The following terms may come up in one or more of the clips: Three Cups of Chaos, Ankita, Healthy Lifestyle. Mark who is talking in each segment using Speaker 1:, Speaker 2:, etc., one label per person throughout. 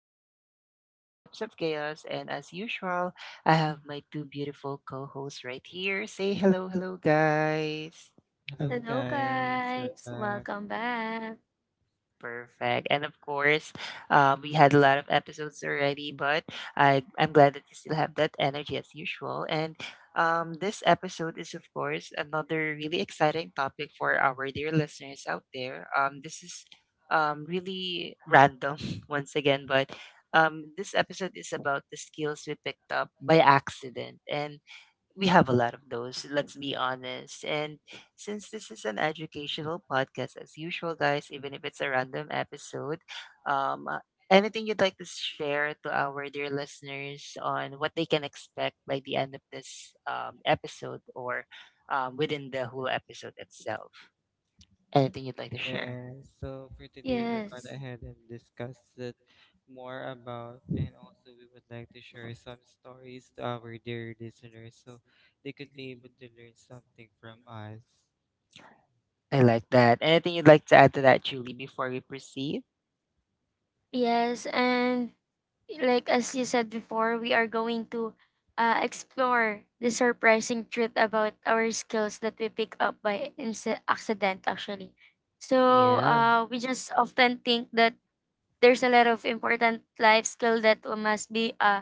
Speaker 1: Once again, this is Three Cups of Chaos, and as usual, I have my two beautiful co hosts right here. Say hello, hello, guys.
Speaker 2: Hello, guys. Welcome back.
Speaker 1: Perfect. And of course, we had a lot of episodes already, but I'm glad that you still have that energy as usual. And this episode is, of course, another really exciting topic for our dear listeners out there. This is really random once again, but this episode is about the skills we picked up by accident. And we have a lot of those, let's be honest. And since this is an educational podcast, as usual, guys, even if it's a random episode, um, uh, anything you'd like to share to our dear listeners on what they can expect by the end of this episode or within the whole episode itself? Anything you'd like to share?
Speaker 3: Yeah, so for today, we gone
Speaker 2: Yes.
Speaker 3: ahead and discussed it more about, and also we would like to share some stories to our dear listeners so they could be able to learn something from us.
Speaker 1: I like that. Anything you'd like to add to that, Julie, before we proceed?
Speaker 2: Yes. And like as you said before, we are going to explore the surprising truth about our skills that we pick up by accident, actually. So
Speaker 1: Yeah.
Speaker 2: we just often think that there's a lot of important life skill that must be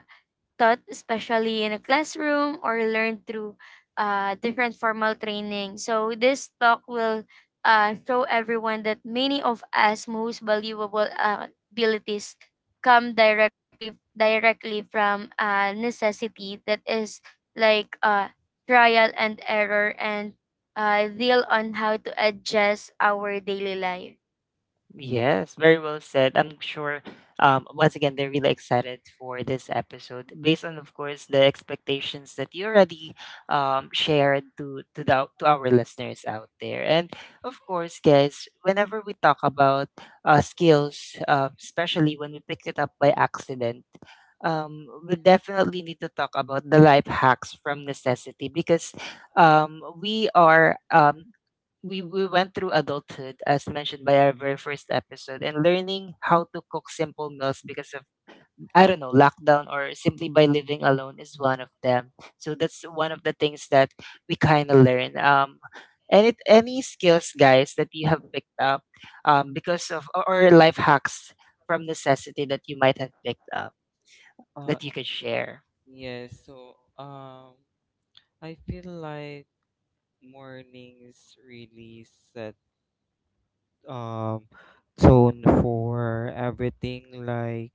Speaker 2: taught especially in a classroom or learned through different formal training. So this talk will show everyone that many of us most valuable abilities come directly from necessity that is like trial and error and deal on how to adjust our daily life.
Speaker 1: Yes, very well said. I'm sure once again they're really excited for this episode based on, of course, the expectations that you already shared to our listeners out there. And of course, guys, whenever we talk about skills, especially when we pick it up by accident, we definitely need to talk about the life hacks from necessity because we are we went through adulthood as mentioned by our very first episode, and learning how to cook simple meals because of, I don't know, lockdown, or simply by living alone is one of them. So that's one of the things that we kind of learn, and it, any skills, guys, that you have picked up because of, or life hacks from necessity that you might have picked up
Speaker 3: Uh,
Speaker 1: that you could share.
Speaker 3: yeah, so I feel like mornings really set um tone for everything, like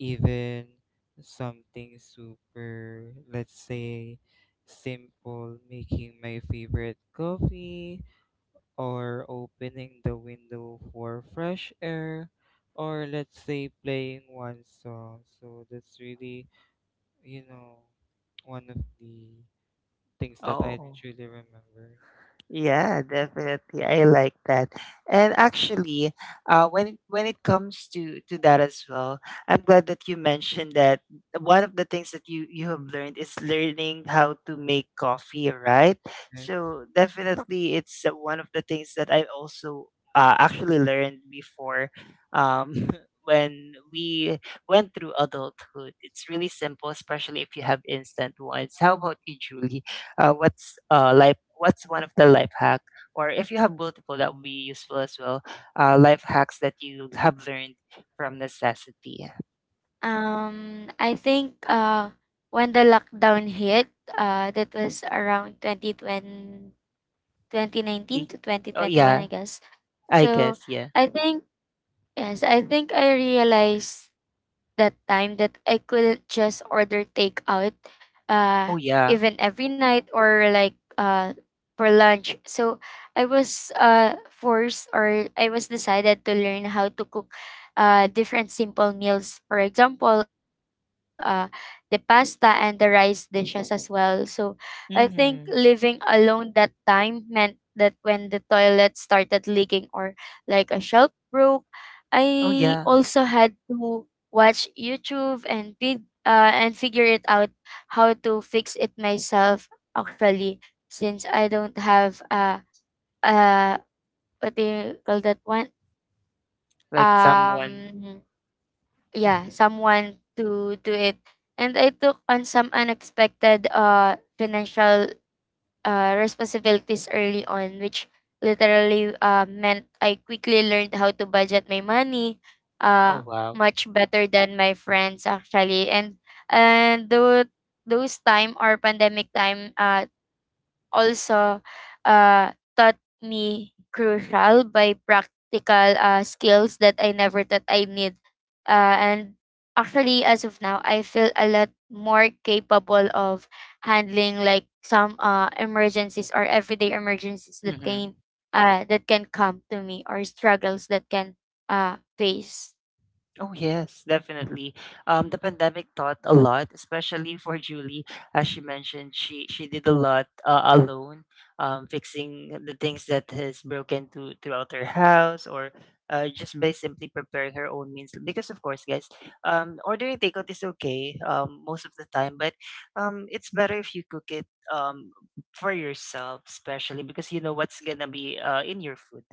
Speaker 3: even something super, let's say, simple, making my favorite coffee, or opening the window for fresh air, or let's say playing one song. So that's really, you know one of the things that I
Speaker 1: Oh,
Speaker 3: truly remember.
Speaker 1: yeah, definitely. I like that. And actually, when it comes to that as well, I'm glad that you mentioned that one of the things that you have learned is learning how to make coffee, right?
Speaker 3: Yes.
Speaker 1: So definitely, it's one of the things that I also actually learned before. Um, when we went through adulthood, it's really simple, especially if you have instant ones. How about you, Julie? What's one of the life hack, or if you have multiple that would be useful as well, life hacks that you have learned from necessity?
Speaker 2: I think, when the lockdown hit, that was around twenty nineteen
Speaker 1: Ti-
Speaker 2: to twenty
Speaker 1: oh,
Speaker 2: twenty one
Speaker 1: yeah.
Speaker 2: I guess.
Speaker 1: I
Speaker 2: So
Speaker 1: guess, yeah.
Speaker 2: I think, yes, I think I realized that time that I couldn't just order takeout uh
Speaker 1: Oh, yeah.
Speaker 2: even every night, or like for lunch. So I was forced, or I was decided to learn how to cook different simple meals, for example the pasta and the rice dishes as well. So I think living
Speaker 1: Mm-hmm.
Speaker 2: alone that time meant that when the toilet started leaking or like a shelf broke,
Speaker 1: Oh,
Speaker 2: I
Speaker 1: yeah.
Speaker 2: also had to watch YouTube and and figure it out how to fix it myself, actually, since I don't have uh what do you call that one,
Speaker 1: Like someone.
Speaker 2: um yeah,
Speaker 1: Hmm.
Speaker 2: someone to do it. And I took on some unexpected financial responsibilities early on, which literally meant I quickly learned how to budget my money
Speaker 1: Oh,
Speaker 2: uh
Speaker 1: wow.
Speaker 2: much better than my friends, actually. And and those those time or pandemic time also uh, taught me crucial by practical skills that I never thought I need. And actually, as of now, I feel a lot more capable of handling like some emergencies or everyday emergencies that
Speaker 1: Hmm.
Speaker 2: can come to me, or struggles that can face.
Speaker 1: Oh, yes, definitely. The pandemic taught a lot, especially for Julie. As she mentioned, she did a lot alone, fixing the things that has broken to, throughout her house, or just by simply preparing her own meals. Because, of course, guys, ordering takeout is okay most of the time, but it's better if you cook it um, for yourself, especially because you know what's going to be in your food.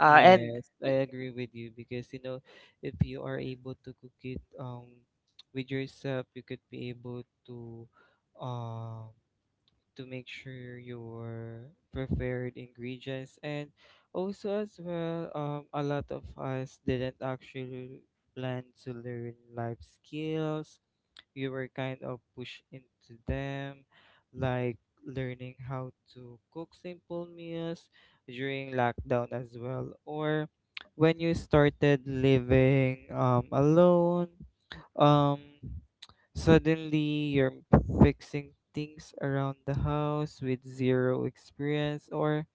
Speaker 1: And,
Speaker 3: Yes, I agree with you, because you know, if you are able to cook it with yourself, you could be able um to make sure your preferred ingredients. And also as well, a lot of us didn't actually plan to learn life skills. You were kind of pushed into them, like learning how to cook simple meals during lockdown as well, or when you started living alone. Um, suddenly you're fixing things around the house with zero experience, or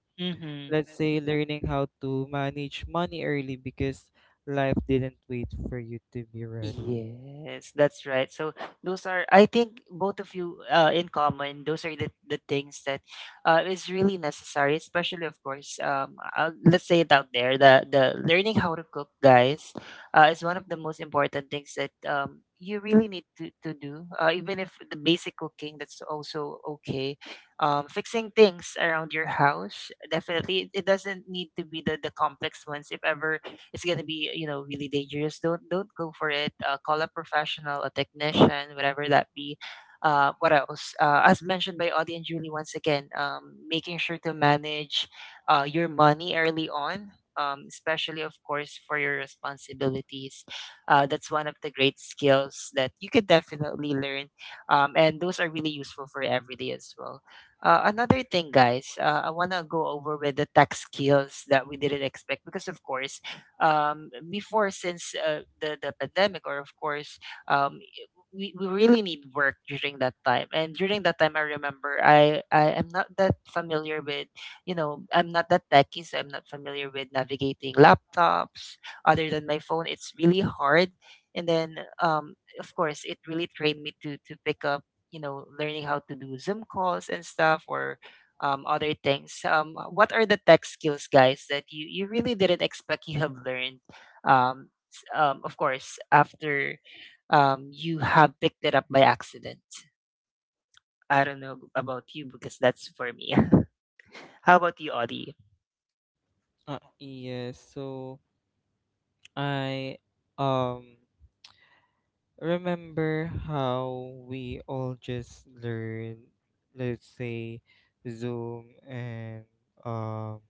Speaker 3: let's
Speaker 1: mm-hmm.
Speaker 3: say learning how to manage money early, because life didn't wait for you to be ready.
Speaker 1: Yes, that's right. So those are, I think, both of you in common. Those are the things that is really necessary, especially, of course, let's say it out there. The learning how to cook, guys, is one of the most important things that you really need to do. Even if the basic cooking, that's also okay. Fixing things around your house, definitely, it doesn't need to be the complex ones. If ever it's gonna be, you know, really dangerous, don't go for it. Call a professional, a technician, whatever that be. What else? As mentioned by Audie and Julie once again, making sure to manage your money early on. Especially of course for your responsibilities, that's one of the great skills that you could definitely learn, and those are really useful for everyday as well. Another thing, guys, I want to go over with the tech skills that we didn't expect, because of course, before since the pandemic or of course, um, i- we really need work during that time, and during that time I remember I am not that familiar with, you know, I'm not that techy, so I'm not familiar with navigating laptops other than my phone. It's really hard. And then, of course, it really trained me to pick up, you know, learning how to do Zoom calls and stuff, or other things. What are the tech skills, guys, that you really didn't expect you have learned? Of course, after you have picked it up by accident. I don't know about you, because that's for me. How about you, Audie?
Speaker 3: Yes, so I um remember how we all just learned, let's say, Zoom and um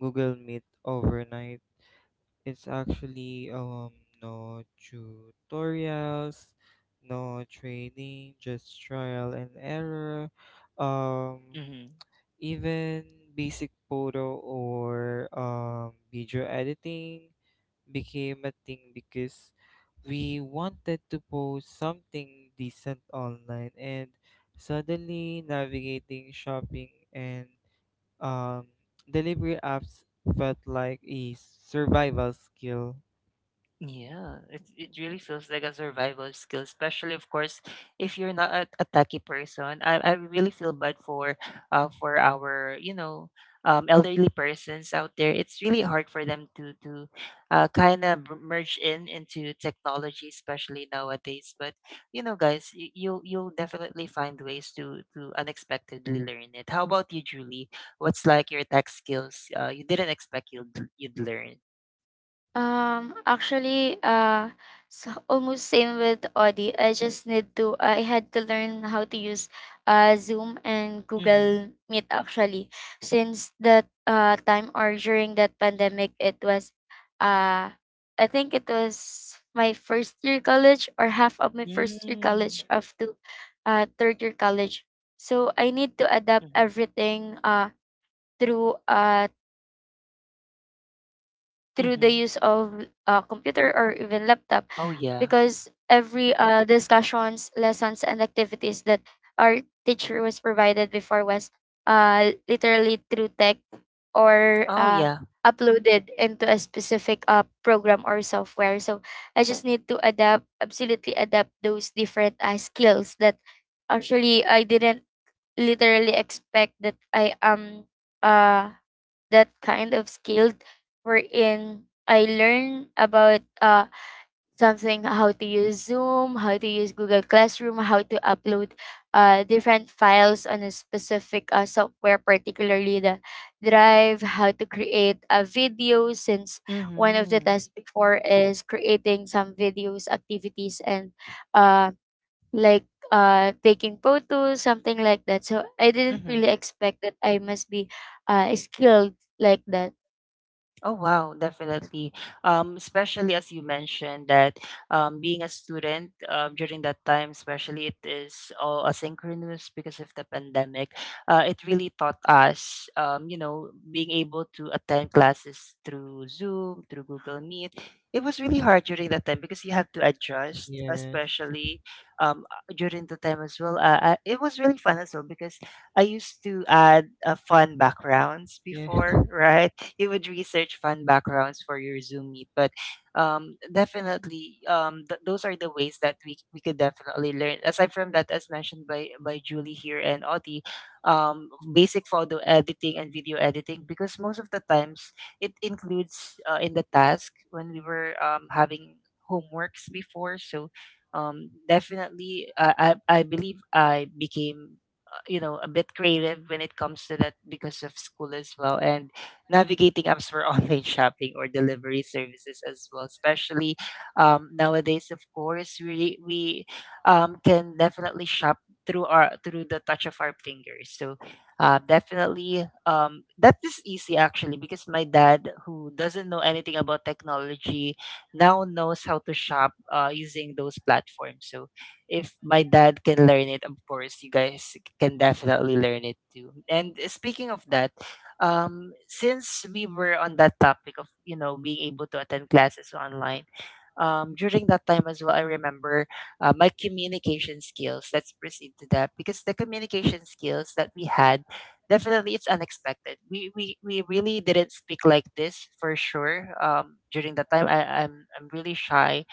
Speaker 3: Google Meet overnight. It's actually no tutorials, no training, just trial and error. Um,
Speaker 1: Hmm.
Speaker 3: even basic photo or video editing became a thing because we wanted to post something decent online, and suddenly navigating shopping and um, delivery apps felt like a survival skill.
Speaker 1: Yeah, it really feels like a survival skill, especially, of course, if you're not a techie person. I really feel bad for our, you know, elderly persons out there. It's really hard for them to kind of merge in into technology, especially nowadays. But you know, guys, you'll definitely find ways to unexpectedly learn it. How about you, Julie? What's like your tech skills? You didn't expect you'd learn.
Speaker 2: Actually, so almost same with Audi. I just need to. I had to learn how to use, Zoom and
Speaker 1: Mm-hmm.
Speaker 2: Google Meet, actually, since that time, or during that pandemic, it was, uh, I think it was my first year college, or half of my first year
Speaker 1: Mm.
Speaker 2: college up to, third year college. So I need to adapt
Speaker 1: Mhm,
Speaker 2: everything, through the use of
Speaker 1: mhm.
Speaker 2: computer or even laptop,
Speaker 1: Oh,
Speaker 2: because
Speaker 1: yeah.
Speaker 2: every discussions, lessons, and activities that our teacher was provided before was literally through tech or
Speaker 1: Oh, yeah.
Speaker 2: uploaded into a specific program or software. So I just need to adapt, absolutely adapt those different skills that actually I didn't literally expect that I am uh, that kind of skilled, wherein I learn about something how to use Zoom, how to use Google Classroom, how to upload different files on a specific software, particularly the Drive, how to create a video, since one of the
Speaker 1: Mhm,
Speaker 2: tasks before is creating some videos, activities, and uh, like taking photos, something like that. So I didn't
Speaker 1: mhm.
Speaker 2: really expect that I must be skilled like that.
Speaker 1: Oh, wow, definitely. Especially as you mentioned that being a student during that time, especially it is all asynchronous because of the pandemic. It really taught us, you know, being able to attend classes through Zoom, through Google Meet. It was really hard during that time because you have to adjust,
Speaker 3: Yes.
Speaker 1: especially um, during the time as well. It was really fun as well because I used to add fun backgrounds
Speaker 3: Yeah.
Speaker 1: before, right? You would research fun backgrounds for your Zoom meet, but definitely, those are the ways that we could definitely learn. Aside from that, as mentioned by Julie here and Oti, basic photo editing and video editing, because most of the times it includes in the task when we were having homeworks before. So definitely I believe I became, you know, a bit creative when it comes to that because of school as well, and navigating apps for online shopping or delivery services as well, especially nowadays. Of course, we re- we can definitely shop through our through the touch of our fingers. So definitely, that is easy actually, because my dad, who doesn't know anything about technology, now knows how to shop using those platforms. So if my dad can learn it, of course, you guys can definitely learn it too. And speaking of that, since we were on that topic of, you know, being able to attend classes online, during that time as well, I remember my communication skills. Let's proceed to that, because the communication skills that we had, definitely it's unexpected. We really didn't speak like this for sure. During that time, I'm really shy,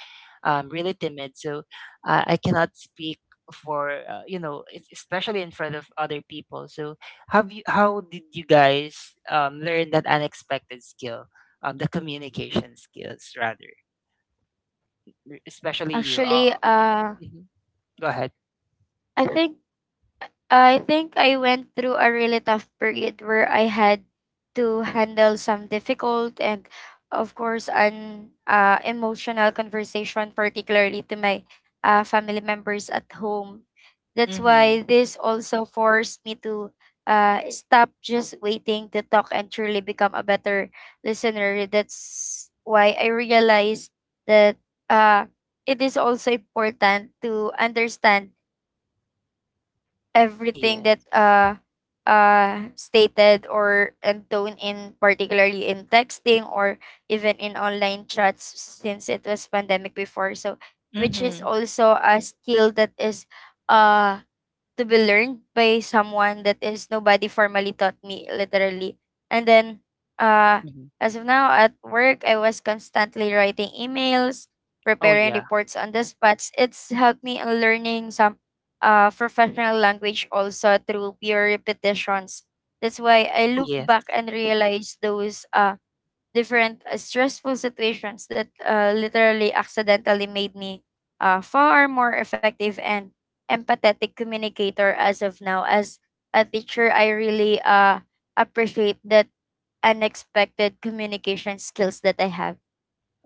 Speaker 1: really timid. So I cannot speak for, you know, especially in front of other people. So have you how did you guys learn that unexpected skill, the communication skills, rather? Especially you,
Speaker 2: Actually,
Speaker 1: mhm. Go ahead.
Speaker 2: I think I think I went through a really tough period where I had to handle some difficult and, of course, an emotional conversation, particularly to my family members at home. That's
Speaker 1: Mhm.
Speaker 2: why this also forced me to stop just waiting to talk and truly become a better listener. That's why I realized that uh, it is also important to understand everything
Speaker 1: Yeah.
Speaker 2: that stated or and tone in particularly in texting or even in online chats, since it was pandemic before. So which is
Speaker 1: Mhm.
Speaker 2: also a skill that is uh to be learned by someone, that is nobody formally taught me literally. And then uh
Speaker 1: Hmm.
Speaker 2: as of now at work, I was constantly writing emails,
Speaker 1: Oh,
Speaker 2: preparing
Speaker 1: yeah.
Speaker 2: reports on the spots. It's helped me in learning some professional language also through pure repetitions. That's why I
Speaker 1: Oh,
Speaker 2: look
Speaker 1: yeah.
Speaker 2: back and realize those different stressful situations that literally accidentally made me far more effective and empathetic communicator as of now. As a teacher, I really appreciate that unexpected communication skills that I have.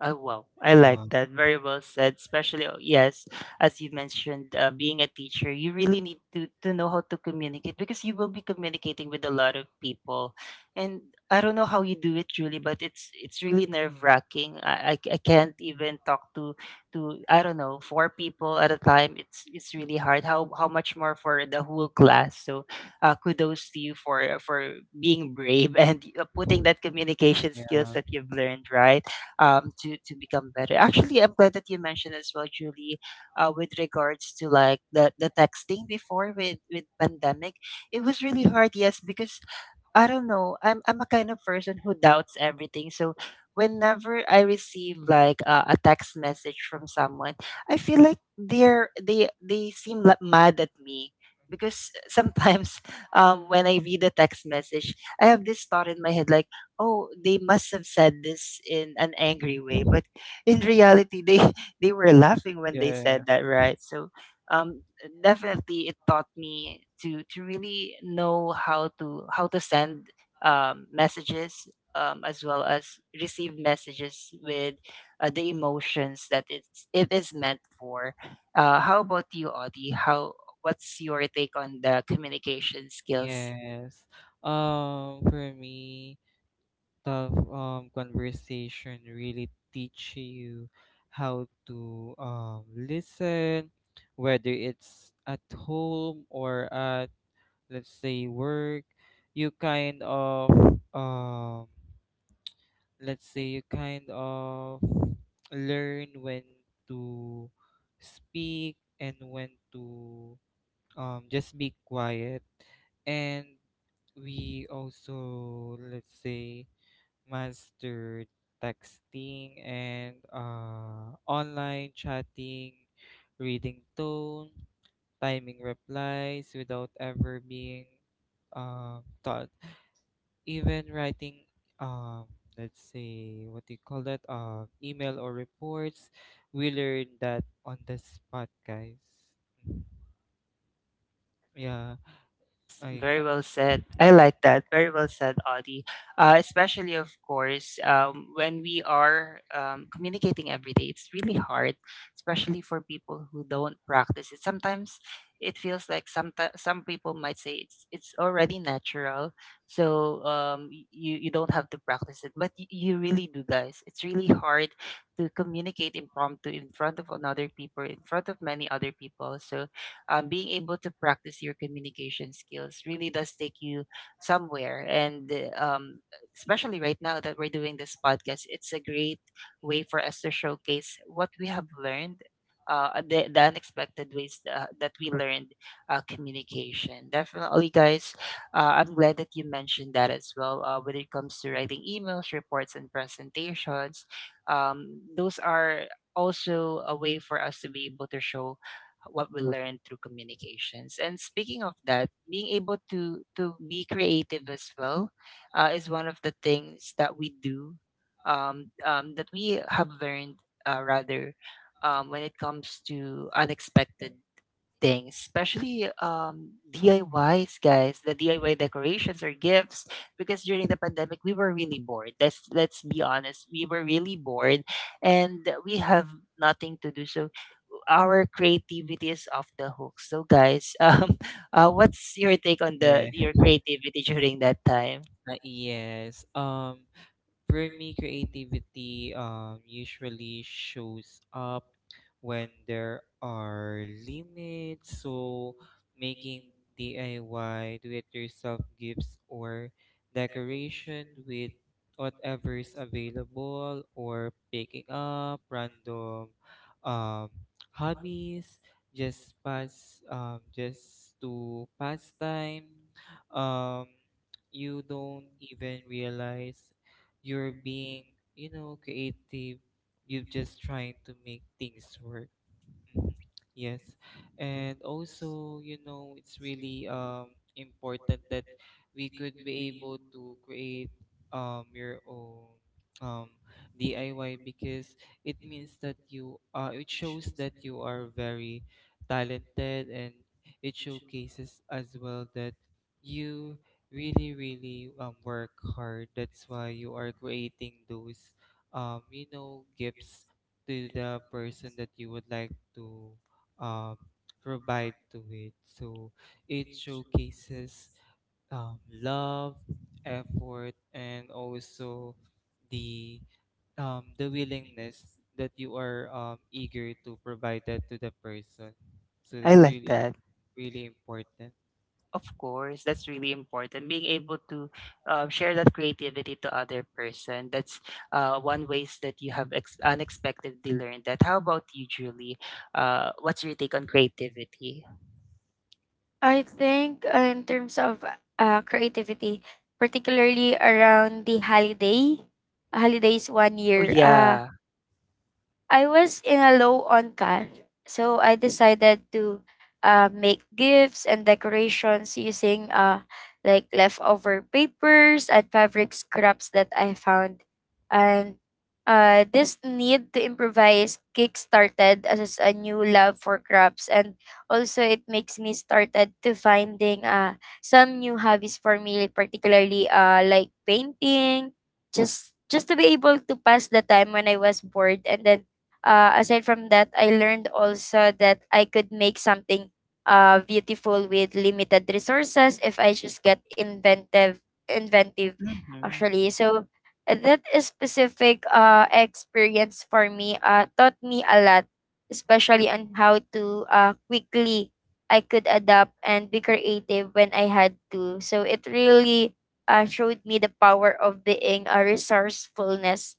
Speaker 1: Oh, wow. I
Speaker 3: Wow.
Speaker 1: like that. Very well said. Especially, yes, as you mentioned, being a teacher, you really need to know how to communicate because you will be communicating with a lot of people. And I don't know how you do it, Julie, but it's really nerve wracking. I can't even talk to I don't know, four people at a time. It's really hard. How much more for the whole class? So kudos to you for being brave and putting that communication
Speaker 3: Yeah.
Speaker 1: skills that you've learned, right? To become better. Actually, I'm glad that you mentioned as well, Julie, with regards to like the texting before with pandemic. It was really hard, yes, because I don't know. I'm a kind of person who doubts everything. So whenever I receive like a text message from someone, I feel like they seem like mad at me because sometimes when I read a text message, I have this thought in my head like, oh, they must have said this in an angry way, but in reality they they were laughing when they
Speaker 3: Yeah.
Speaker 1: said that, right? So um definitely it taught me to really know how to send messages, as well as receive messages with the emotions that it is meant for. How about you, Audie? How, what's your take on the communication skills?
Speaker 3: Yes. For me, tough conversation really teach you how to listen, whether it's at home or at, let's say, work. You kind of, um, let's say, you kind of learn when to speak and when to just be quiet. And we also, let's say, master texting and online chatting, reading tone, timing replies without ever being taught. Even writing, um, let's say, what do you call that? Email or reports. We learned that on the spot, guys. Yeah,
Speaker 1: Yes,
Speaker 3: I
Speaker 1: very well said. I like that. Very well said, Audie. Especially, of course, when we are communicating every day, it's really hard, especially for people who don't practice it. Sometimes it feels like some people might say it's already natural, so you don't have to practice it. But you really do, guys. It's really hard to communicate impromptu in front of another people, in front of many other people. So being able to practice your communication skills really does take you somewhere. And especially right now that we're doing this podcast, it's a great way for us to showcase what we have learned. The unexpected ways that we learned communication. Definitely, guys, I'm glad that you mentioned that as well. When it comes to writing emails, reports, and presentations, those are also a way for us to be able to show what we learn through communications. And speaking of that, being able to be creative as well is one of the things that we do, that we have learned, rather when it comes to unexpected things, especially DIYs, guys. The DIY decorations or gifts, because during the pandemic we were really bored. Let's be honest, we were really bored, and we have nothing to do. So our creativity is off the hook. So, guys, what's your take on the
Speaker 3: yeah,
Speaker 1: your creativity during that time?
Speaker 3: yes. For me, creativity usually shows up when there are limits. So, making DIY, do it yourself gifts or decoration with whatever is available, or picking up random um, hobbies, just to pass time. um you don't even realize you're being, you know, creative. You're just trying to make things work. Mhm. Yes. And also, you know, it's really important that we could be able to create your own um DIY, because it means that you it shows that you are very talented, and it showcases as well that you really really work hard. That's why you are creating those, you know, gifts to the person that you would like to um, provide to it. So it showcases, love, effort, and also the, the willingness that you are, eager to provide that to the person. So
Speaker 1: I
Speaker 3: that's
Speaker 1: like
Speaker 3: really
Speaker 1: that.
Speaker 3: really important.
Speaker 1: Of course, that's really important. Being able to share that creativity to other person. That's one ways that you have unexpectedly learned that. How about you, Julie? What's your take on creativity?
Speaker 2: I think in terms of creativity, particularly around holidays one
Speaker 1: Oh
Speaker 2: year,
Speaker 1: yeah.
Speaker 2: I was in a low on cash, so I decided to make gifts and decorations using like leftover papers and fabric scraps that I found. And this need to improvise kickstarted as a new love for crafts, and also it makes me started to finding some new hobbies for me, particularly like painting, just to be able to pass the time when I was bored. And then aside from that, I learned also that I could make something beautiful with limited resources if I just get inventive, inventive,
Speaker 1: Mhm.
Speaker 2: actually. So that is specific experience for me taught me a lot, especially on how to quickly I could adapt and be creative when I had to. So it really showed me the power of being a resourcefulness.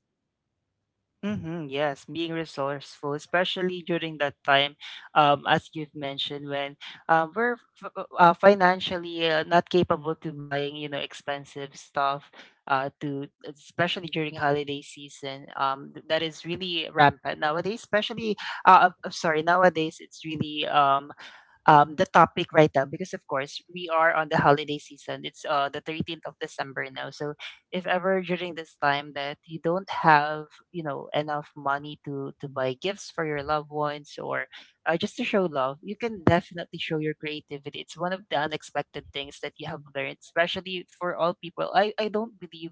Speaker 1: Mm-hmm, yes, being resourceful, especially during that time, as you've mentioned, when financially not capable to buying, you know, expensive stuff, to especially during holiday season. That is really rampant nowadays. Especially, sorry, nowadays it's really the topic right now because of course we are on the holiday season. It's the 13th of December now. So if ever during this time that you don't have, you know, enough money to buy gifts for your loved ones, or just to show love, you can definitely show your creativity. It's one of the unexpected things that you have learned, especially for all people. I don't believe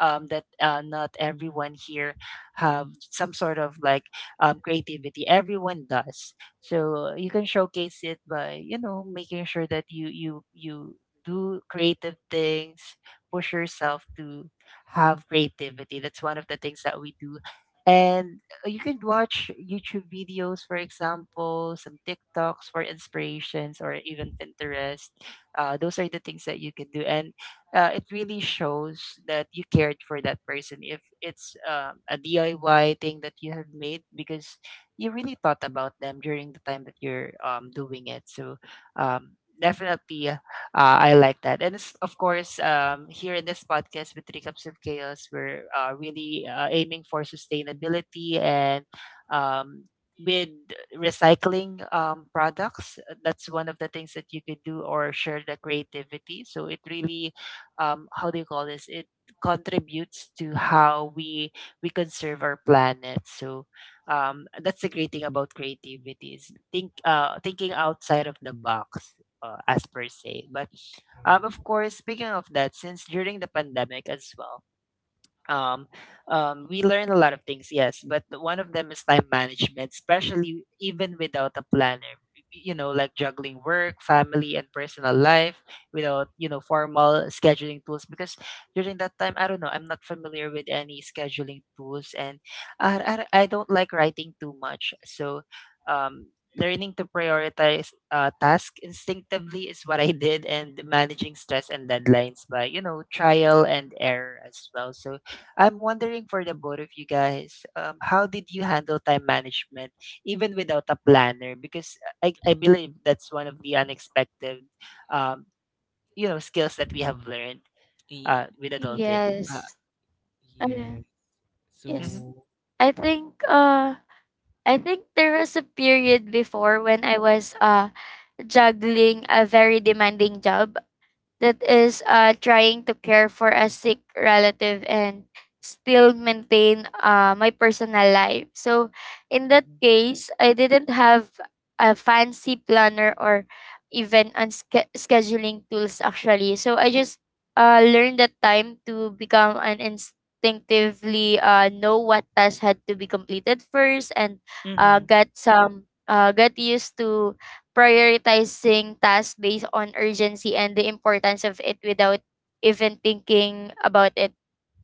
Speaker 1: that not everyone here have some sort of like creativity. Everyone does. So you can showcase it by, you know, making sure that you do creative things, push yourself to have creativity. That's one of the things that we do. And you can watch YouTube videos, for example, some TikToks for inspirations, or even Pinterest. Those are the things that you can do, and it really shows that you cared for that person. If it's a DIY thing that you have made, because you really thought about them during the time that you're doing it. So definitely, I like that. And it's, of course, here in this podcast with Three Cups of Chaos, we're really aiming for sustainability and um, with recycling products. That's one of the things that you could do or share the creativity. So it really, how do you call this? It contributes to how we conserve our planet. So that's the great thing about creativity is thinking outside of the box, as per se. But of course, speaking of that, since during the pandemic as well, um, we learn a lot of things, yes, but one of them is time management, especially even without a planner. You know, like juggling work, family, and personal life without, you know, formal scheduling tools. Because during that time, I don't know, I'm not familiar with any scheduling tools, and I don't like writing too much. So learning to prioritize tasks instinctively is what I did, and managing stress and deadlines by, you know, trial and error as well. So I'm wondering for the both of you guys, how did you handle time management even without a planner? Because I believe that's one of the unexpected, um, you know, skills that we have learned
Speaker 3: I-
Speaker 1: with adulting.
Speaker 3: uh,
Speaker 2: Yes. Uh,
Speaker 3: yes.
Speaker 1: Mm-hmm.
Speaker 2: yes.
Speaker 3: So
Speaker 2: I think uh I think there was a period before when I was juggling a very demanding job that is trying to care for a sick relative and still maintain my personal life. So, in that case, I didn't have a fancy planner or even on scheduling tools, actually. So, I just learned that time to become an instinctively know what tasks had to be completed first, and
Speaker 1: Mm-hmm.
Speaker 2: got used to prioritizing tasks based on urgency and the importance of it without even thinking about it.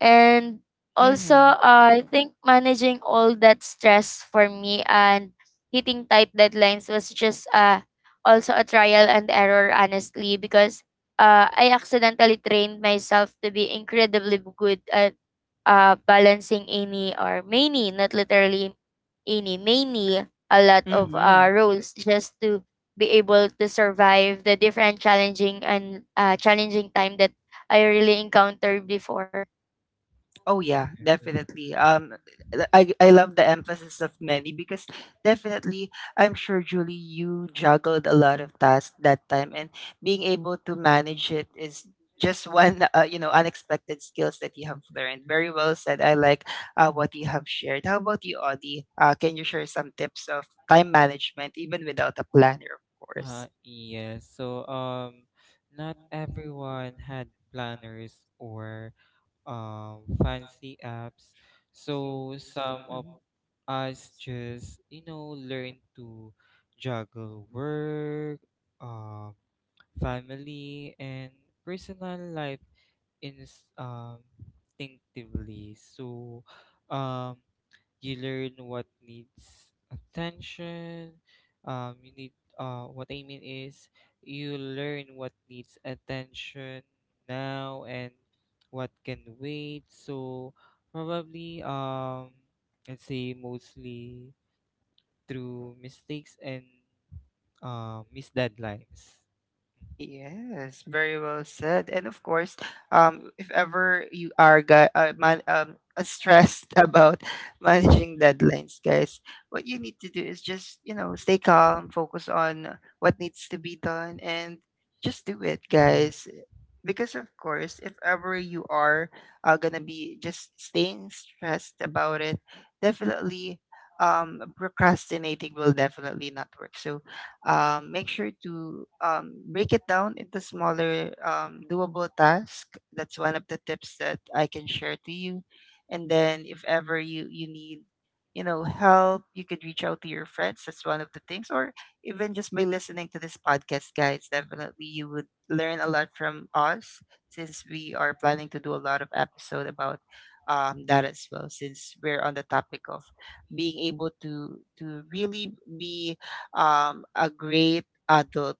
Speaker 2: And also, I think managing all that stress for me and hitting tight deadlines was just also a trial and error, honestly, because I accidentally trained myself to be incredibly good at balancing any or many, not literally any, many, a lot of
Speaker 1: Mm-hmm.
Speaker 2: roles, just to be able to survive the different challenging time that I really encountered before.
Speaker 1: Oh yeah,
Speaker 3: yes.
Speaker 1: definitely. I love the emphasis of many because definitely I'm sure, Julie, you juggled a lot of tasks that time, and being able to manage it is just one you know, unexpected skills that you have learned. Very well said. I like what you have shared. How about you, Audie? Can you share some tips of time management even without a planner, of course?
Speaker 3: Yes. So, not everyone had planners or fancy apps. So some of
Speaker 1: Mhm.
Speaker 3: us just, you know, learn to juggle work, um, family, and personal life, ins- um, instinctively. So, um, you learn what needs attention. You need. What I mean is, you learn what needs attention now and what can wait. So, probably let's say, mostly through mistakes and missed deadlines.
Speaker 1: Yes, very well said. And of course, if ever you are stressed about managing deadlines, guys, what you need to do is just, you know, stay calm, focus on what needs to be done, and just do it,
Speaker 3: Yeah.
Speaker 1: guys. Because, of course, if ever you are going to be just staying stressed about it, definitely procrastinating will definitely not work. So, make sure to break it down into smaller doable tasks. That's one of the tips that I can share to you. And then if ever you need, you know, help, you could reach out to your friends. That's one of the things, or even just by listening to this podcast, guys. Definitely, you would learn a lot from us since we are planning to do a lot of episode about that as well. Since we're on the topic of being able to really be a great adult,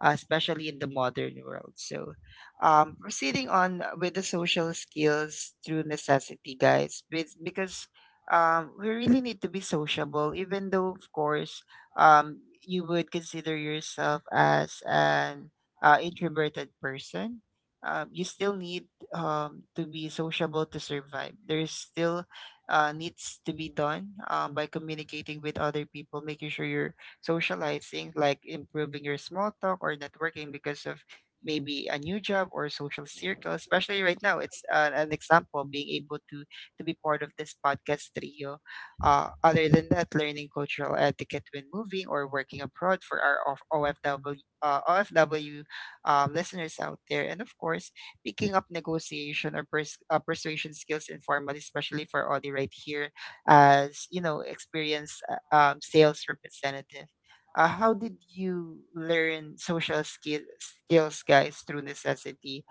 Speaker 1: especially in the modern world. So, proceeding on with the social skills through necessity, guys, because we really need to be sociable, even though, of course, you would consider yourself as an introverted person. You still need to be sociable to survive. There's still needs to be done by communicating with other people, making sure you're socializing, like improving your small talk or networking because of maybe a new job or social circle. Especially right now, it's an example being able to be part of this podcast trio. Other than that, learning cultural etiquette when moving or working abroad for our of OFW listeners out there, and of course, picking up negotiation or persuasion skills informally, especially for Audi right here as you know experienced sales representative. How did you learn skills, guys, through necessity?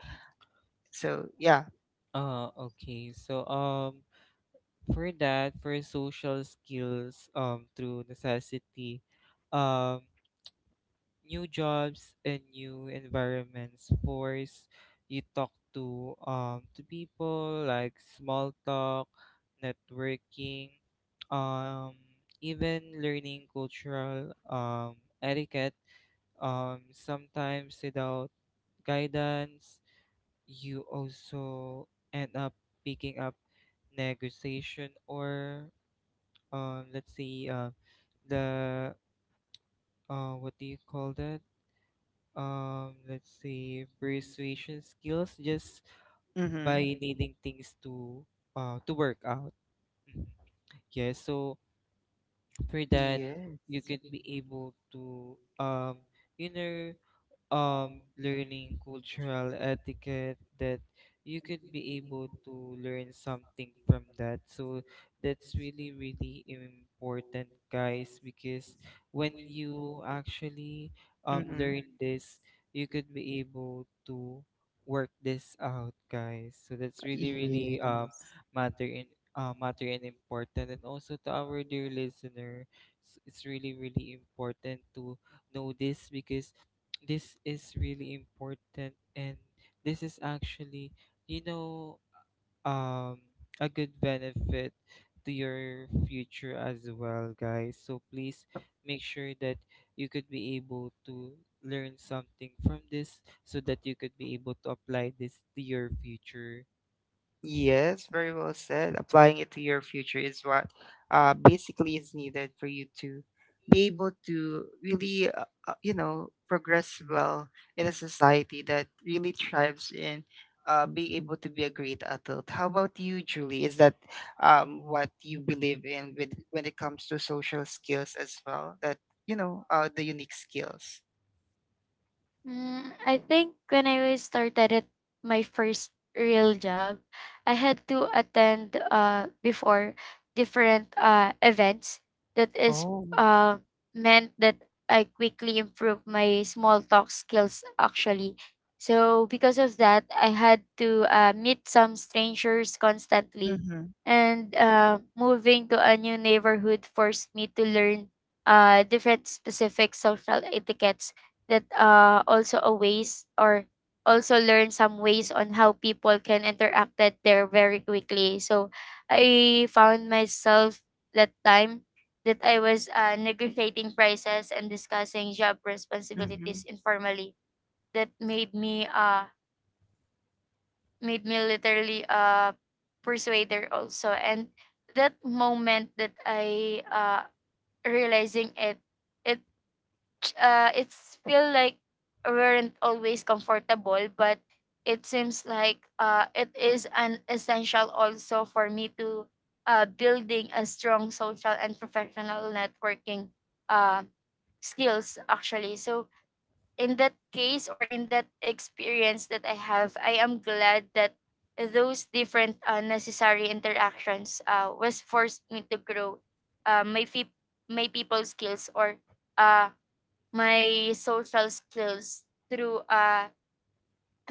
Speaker 1: So, yeah.
Speaker 3: Okay. So um, for that, for social skills through necessity, um new jobs and new environments force you talk to people, like small talk, networking, um even learning cultural etiquette, sometimes without guidance. You also end up picking up negotiation or let's see the what do you call that let's say persuasion skills, just
Speaker 1: Mm-hmm.
Speaker 3: by needing things to work out. Mhm. Yeah, so for that,
Speaker 1: Yes.
Speaker 3: you could be able to, you know, learning cultural etiquette, that you could be able to learn something from that. So that's really really important, guys, because when you actually
Speaker 1: Mm-hmm.
Speaker 3: learn this, you could be able to work this out, guys. So that's really really matter in matter and important. And also to our dear listener, it's really really important to know this, because this is really important, and this is actually, you know, um a good benefit to your future as well, guys. So please make sure that you could be able to learn something from this, so that you could be able to apply this to your future.
Speaker 1: Yes, very well said. Applying it to your future is what basically is needed for you to be able to really, you know, progress well in a society that really thrives in being able to be a great adult. How about you, Julie? Is that what you believe in with when it comes to social skills as well? That, you know, the unique skills.
Speaker 2: Mm, I think when I really started at my first real job, I had to attend before different events, that is
Speaker 1: Oh.
Speaker 2: uh meant that I quickly improve my small talk skills, actually. So because of that, I had to meet some strangers constantly,
Speaker 1: Mm-hmm.
Speaker 2: and moving to a new neighborhood forced me to learn different specific social etiquettes, that also a ways, or also learn some ways on how people can interact that there very quickly. So I found myself that time that I was negotiating prices and discussing job responsibilities informally. That made me literally a persuader also. And that moment that I realizing it, it it's feel like weren't always comfortable, but it seems like it is an essential also for me to building a strong social and professional networking uh, skills, actually. So in that case, or in that experience that I have, I am glad that those different necessary interactions was forced me to grow uh, my, fe- my people skills or uh, my social skills through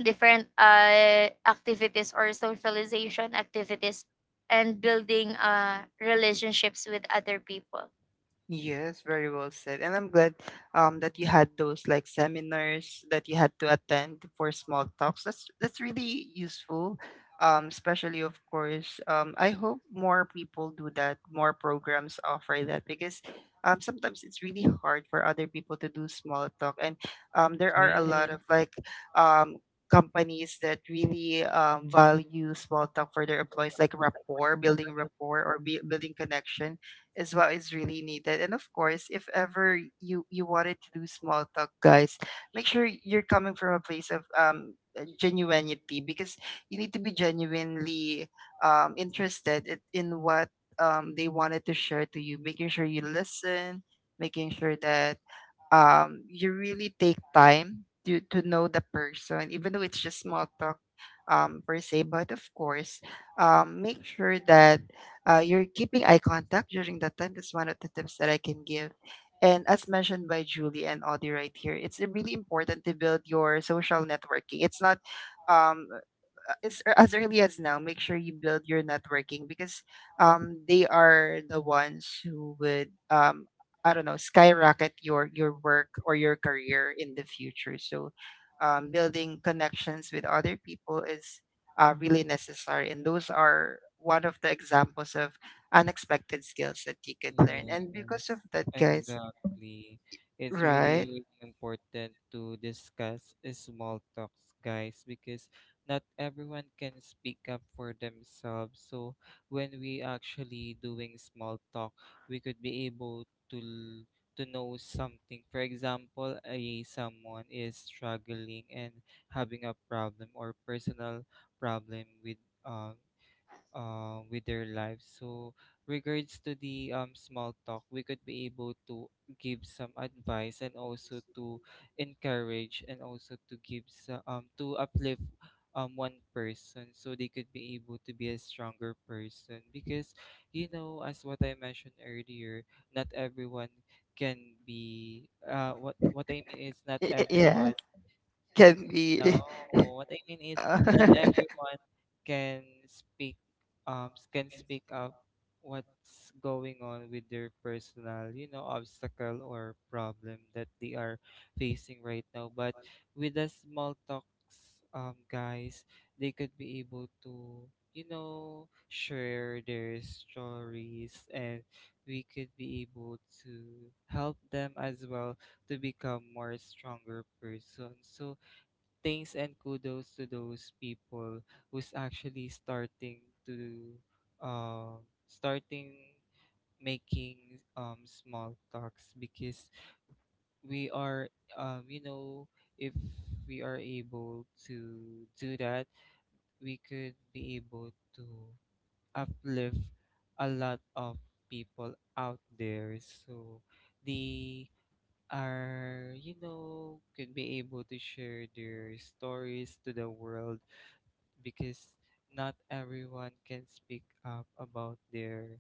Speaker 2: different activities or socialization activities, and building relationships with other people.
Speaker 1: Yes, very well said. And I'm glad that you had those like seminars that you had to attend for small talks. That's really useful. Especially of course, I hope more people do that, more programs offer that because sometimes it's really hard for other people to do small talk. And there are a lot
Speaker 3: Yes.
Speaker 1: of like um companies that really value small talk for their employees, like rapport building rapport, or building connection is what is really needed. And of course, if ever you wanted to do small talk, guys, make sure you're coming from a place of genuinity because you need to be genuinely interested in what they wanted to share to you. Making sure you listen, making sure that you really take time to know the person, even though it's just small talk, per se. But of course, make sure that you're keeping eye contact during that time. That's one of the tips that I can give. And as mentioned by Julie and Audie right here, it's really important to build your social networking. It's not um, as early as now, make sure you build your networking because they are the ones who would I don't know, skyrocket your work or your career in the future. So building connections with other people is really necessary, and those are one of the examples of unexpected skills that you could learn. And because
Speaker 3: Yes,
Speaker 1: of that, guys,
Speaker 3: exactly. It's really,
Speaker 1: right?
Speaker 3: really important to discuss small talks, guys, because not everyone can speak up for themselves. So when we actually doing small talk, we could be able to to know something. For example, a someone is struggling and having a problem or personal problem um with their lives. So, regards to the, small talk, we could be able to give some advice, and also to encourage, and also to give some, to uplift, one person, so they could be able to be a stronger person. Because, you know, as what I mentioned earlier, not everyone can be, what I mean is, not
Speaker 1: Y- y-
Speaker 3: everyone,
Speaker 1: Yeah, can
Speaker 3: no,
Speaker 1: be.
Speaker 3: what I mean is, not
Speaker 1: uh,
Speaker 3: everyone can speak, can speak up what's going on with their personal, you know, obstacle or problem that they are facing right now. But with the small talks, um, guys, they could be able to, you know, share their stories, and we could be able to help them as well to become more stronger person. So thanks and kudos to those people who's actually starting to, um starting making, um, small talks, because we are, you know, if we are able to do that, we could be able to uplift a lot of people out there, so they are, you know, could be able to share their stories to the world, because not everyone can speak up about their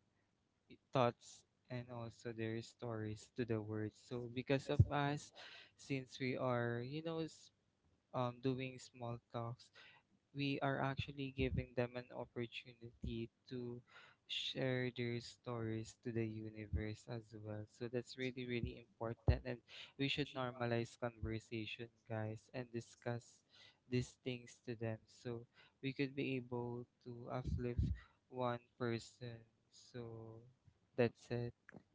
Speaker 3: thoughts and also their stories to the world. So because of us, since we are, you know, doing small talks, we are actually giving them an opportunity to share their stories to the universe as well. So that's really, really important. And we should normalize conversation, guys, and discuss these things to them. So we could be able to uplift one person. So that's it.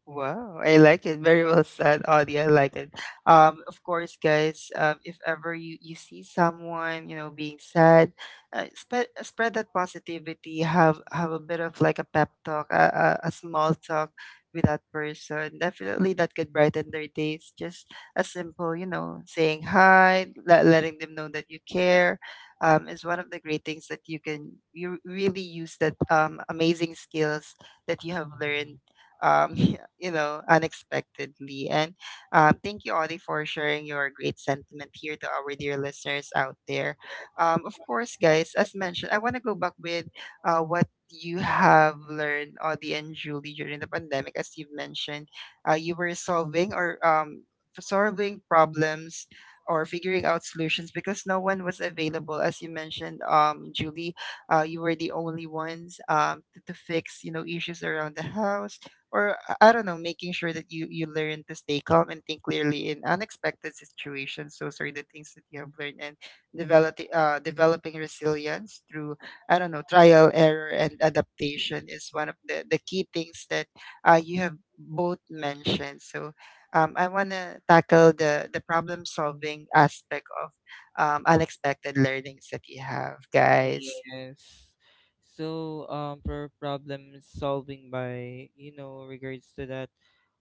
Speaker 1: Wow, I like it. Very well said, Audie. I like it. Of course, guys, if ever you see someone, you know, being sad. Spread that positivity. Have a bit of like a pep talk, a small talk with that person. Definitely, that could brighten their days. Just a simple, you know, saying hi, letting them know that you care. Is one of the great things that you really use that amazing skills that you have learned. um, Unexpectedly. And thank you, Audie, for sharing your great sentiment here to our dear listeners out there. Of course, guys, as mentioned, I want to go back with what you have learned, Audie and Julie, during the pandemic. As you've mentioned, you were solving problems or figuring out solutions because no one was available, as you mentioned, Julie. You were the only ones to fix, you know, issues around the house, or I don't know, making sure that you learn to stay calm and think clearly in unexpected situations. Those are the things that you have learned, and developing resilience through, I don't know, trial, error, and adaptation is one of the key things that you have both mentioned. So, I want to tackle the problem solving aspect of unexpected learnings that you have, guys.
Speaker 3: Yes. So, for problem solving by, you know, regards to that,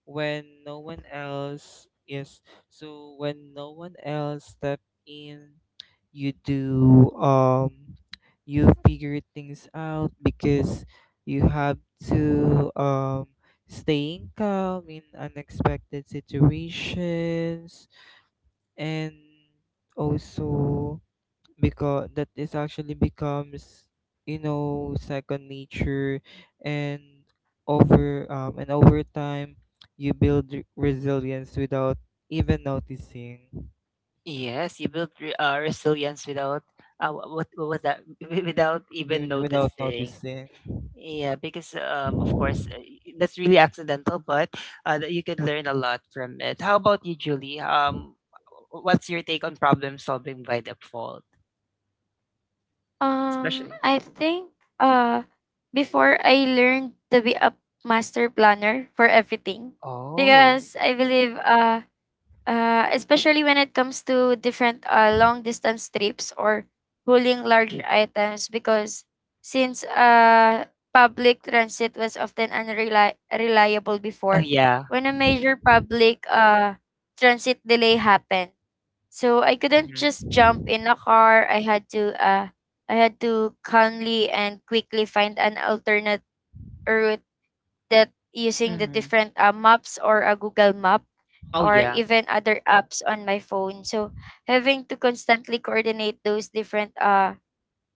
Speaker 3: when no one else, yes, when no one else step in, you do, you figure things out, because you have to, staying calm in unexpected situations. And also, because that is actually becomes, you know, second nature, and over, and over time, you build resilience without even noticing.
Speaker 1: Yes, you built resilience without, what was that, without even
Speaker 3: Even without
Speaker 1: noticing.
Speaker 3: noticing
Speaker 1: Yeah, because of course, that's really accidental, but that you can learn a lot from it. How about you, Julie? What's your take on problem solving by default, especially?
Speaker 2: I think uh before, I learned to be a master planner for everything,
Speaker 1: Oh,
Speaker 2: because I believe especially when it comes to different long distance trips or hauling large items, because since public transit was often unreliable
Speaker 1: oh
Speaker 2: before,
Speaker 1: yeah.
Speaker 2: when a major public transit delay happened. So I couldn't
Speaker 1: Mm-hmm.
Speaker 2: just jump in a car. I had to calmly and quickly find an alternate route, that using the
Speaker 1: Mm-hmm.
Speaker 2: different maps or a Google Map
Speaker 1: Oh
Speaker 2: or
Speaker 1: yeah.
Speaker 2: even other apps on my phone. So having to constantly coordinate those different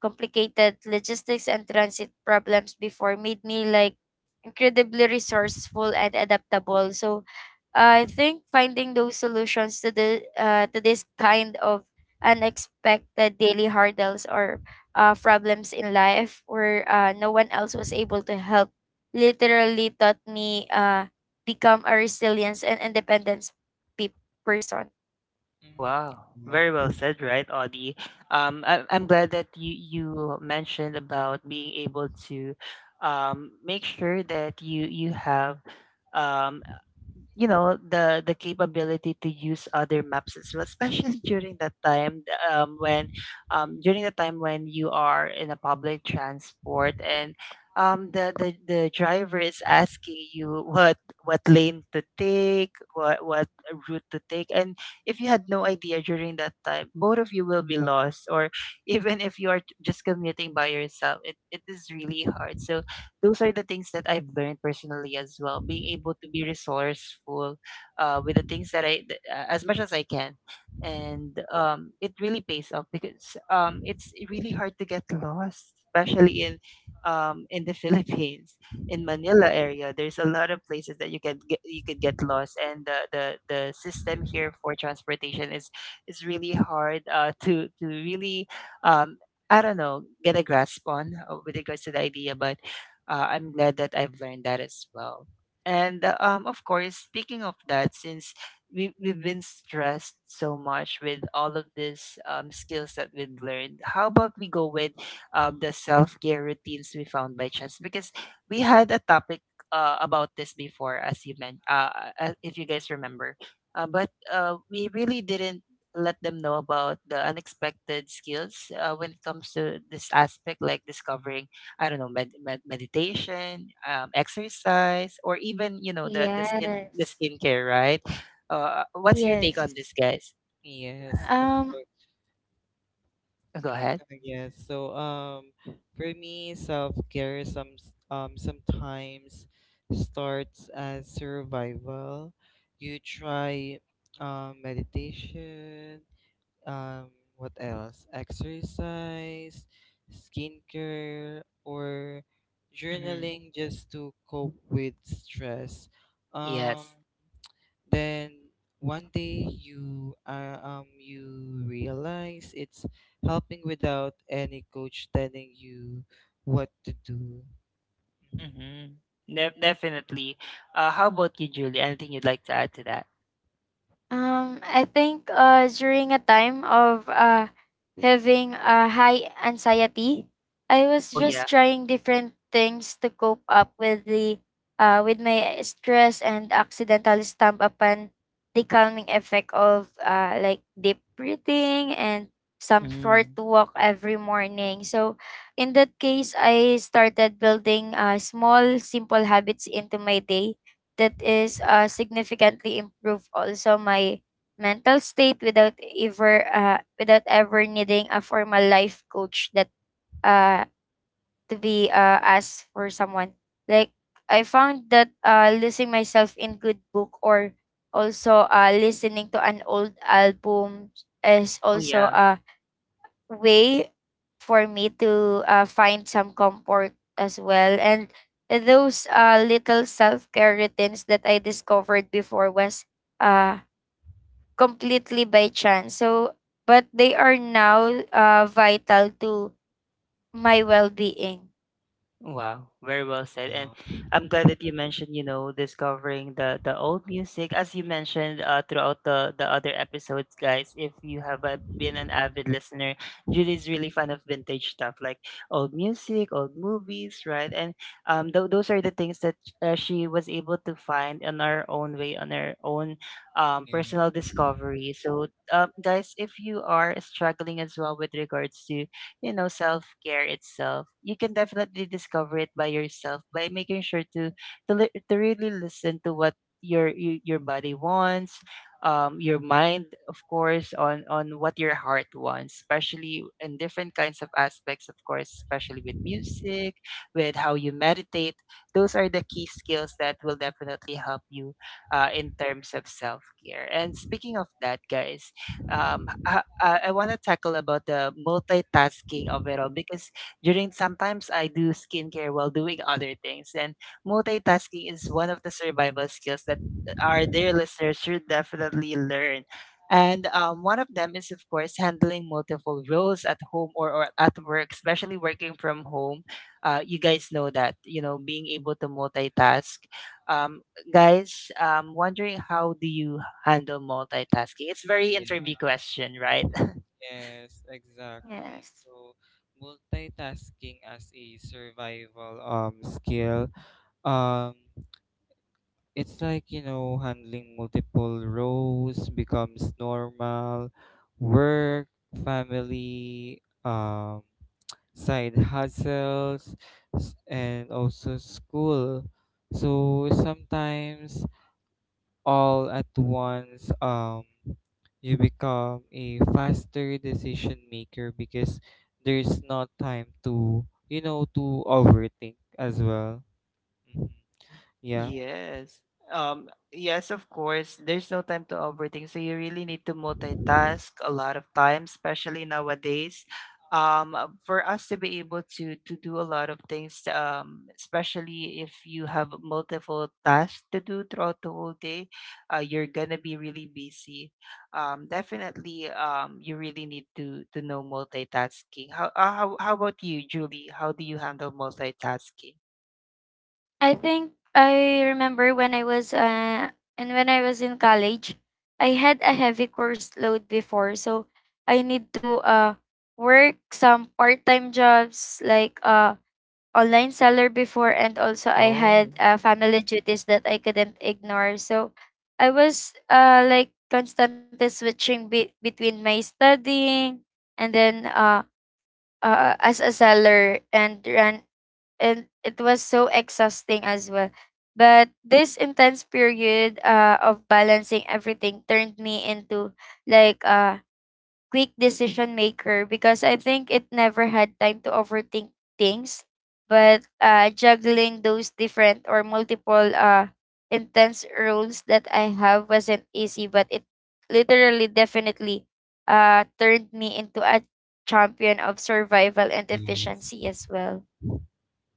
Speaker 2: complicated logistics and transit problems before made me like incredibly resourceful and adaptable. So I think finding those solutions to this kind of unexpected daily hurdles, or problems in life where no one else was able to help, literally taught me become a resilience and independence pe- person.
Speaker 3: Mm,
Speaker 1: Wow, very well said, right, Audie? I'm glad that you mentioned about being able to. Make sure that you have, um, you know, the capability to use other maps as well, especially during that time, th- when during the time when you are in a public transport, and the driver is asking you what lane to take, what route to take, and if you had no idea during that time, both of you will be lost, or even if you are just commuting by yourself, it is really hard, so those are the things that I've learned personally as well. Being able to be resourceful with the things that as much as I can. And it really pays off because it's really hard to get lost, especially in the Philippines, in Manila area. There's a lot of places that you could get lost, and the system here for transportation is really hard, to really, um, I don't know, get a grasp on, with regards to the idea, but I'm glad that I've learned that as well. And of course, speaking of that, since we've been stressed so much with all of these skills that we've learned, how about we go with the self care routines we found by chance? Because we had a topic about this before, as you meant, if you guys remember. But we really didn't let them know about the unexpected skills when it comes to this aspect, like discovering, I don't know, meditation, exercise, or even, you know, the
Speaker 2: Yes.
Speaker 1: skincare, right? What's your take on
Speaker 2: Yes.
Speaker 1: this, guys?
Speaker 3: yes, of
Speaker 2: Um,
Speaker 3: course.
Speaker 1: Go ahead.
Speaker 3: Yes, so um, for me, self-care sometimes starts as survival. You try, meditation, um what else, exercise, skincare, or journaling, just to cope with stress. Um,
Speaker 1: Yes.
Speaker 3: then one day you are, you realize it's helping without any coach telling you what to do.
Speaker 1: Mm-hmm. Definitely. How about you, Julie? Anything you'd like to add to that?
Speaker 2: I think during a time of having a high anxiety, I was
Speaker 1: Oh yeah.
Speaker 2: just trying different things to cope up with my stress, and accidentally stumble upon the calming effect of like deep breathing and some short
Speaker 1: Mm.
Speaker 2: walk every morning. So in that case, I started building small, simple habits into my day that is significantly improve also my mental state, without ever needing a formal life coach that uh to be asked for someone, like I found that losing myself in good book, or also listening to an old album is
Speaker 1: Oh
Speaker 2: also
Speaker 1: yeah.
Speaker 2: way for me to find some comfort as well. And those little self care routines that I discovered before was uh, completely by chance. So, but they are now vital to my well being.
Speaker 1: Wow, very well said. And
Speaker 3: Um,
Speaker 1: I'm glad that you mentioned, you know, discovering the old music. As you mentioned, throughout the other episodes, guys, if you have been an avid listener, Judy's really fan of vintage stuff like old music, old movies, right? And those are the things that she was able to find on her own way, on her own
Speaker 3: yeah.
Speaker 1: personal discovery. So, guys, if you are struggling as well with regards to, you know, self-care itself, you can definitely discover it by yourself by making sure to to really listen to what your body wants, your mind, of course, on what your heart wants, especially in different kinds of aspects, of course, especially with music, with how you meditate. Those are the key skills that will definitely help you in terms of self-care. And speaking of that, guys, I want to tackle about the multitasking of it all because during sometimes I do skincare while doing other things, and multitasking is one of the survival skills that our dear listeners should definitely learn. And one of them is, of course, handling multiple roles at home or at work, especially working from home. You guys know that, being able to multitask. Um, Guys, wondering how do you handle multitasking? It's very
Speaker 3: Yeah.
Speaker 1: interview question, right?
Speaker 3: Yes, exactly.
Speaker 2: Yes.
Speaker 3: So multitasking as a survival skill, um it's like, you know, handling multiple roles becomes normal. Work, family, side hustles, and also school, so sometimes all at once. Um, you become a faster decision maker, because there's not time to, you know, to overthink as well. Mhm. Yeah,
Speaker 1: Yes. Yes, of course. There's no time to overthink. So you really need to multitask a lot of times, especially nowadays. For us to be able to do a lot of things, especially if you have multiple tasks to do throughout the whole day, you're gonna be really busy. Definitely, you really need to know multitasking. How about you, Julie? How do you handle multitasking?
Speaker 2: I think I remember when I was and when I was in college, I had a heavy course load before, so I need to work some part-time jobs like online seller before, and also I had
Speaker 1: Oh.
Speaker 2: family duties that I couldn't ignore. So I was like constantly switching between my studying and then as a seller and run, and it was so exhausting as well. But this intense period of balancing everything turned me into like a quick decision maker, because I think it never had time to overthink things. But juggling those different or multiple intense roles that I have wasn't easy, but it literally definitely turned me into a champion of survival and
Speaker 3: yes.
Speaker 2: efficiency as well.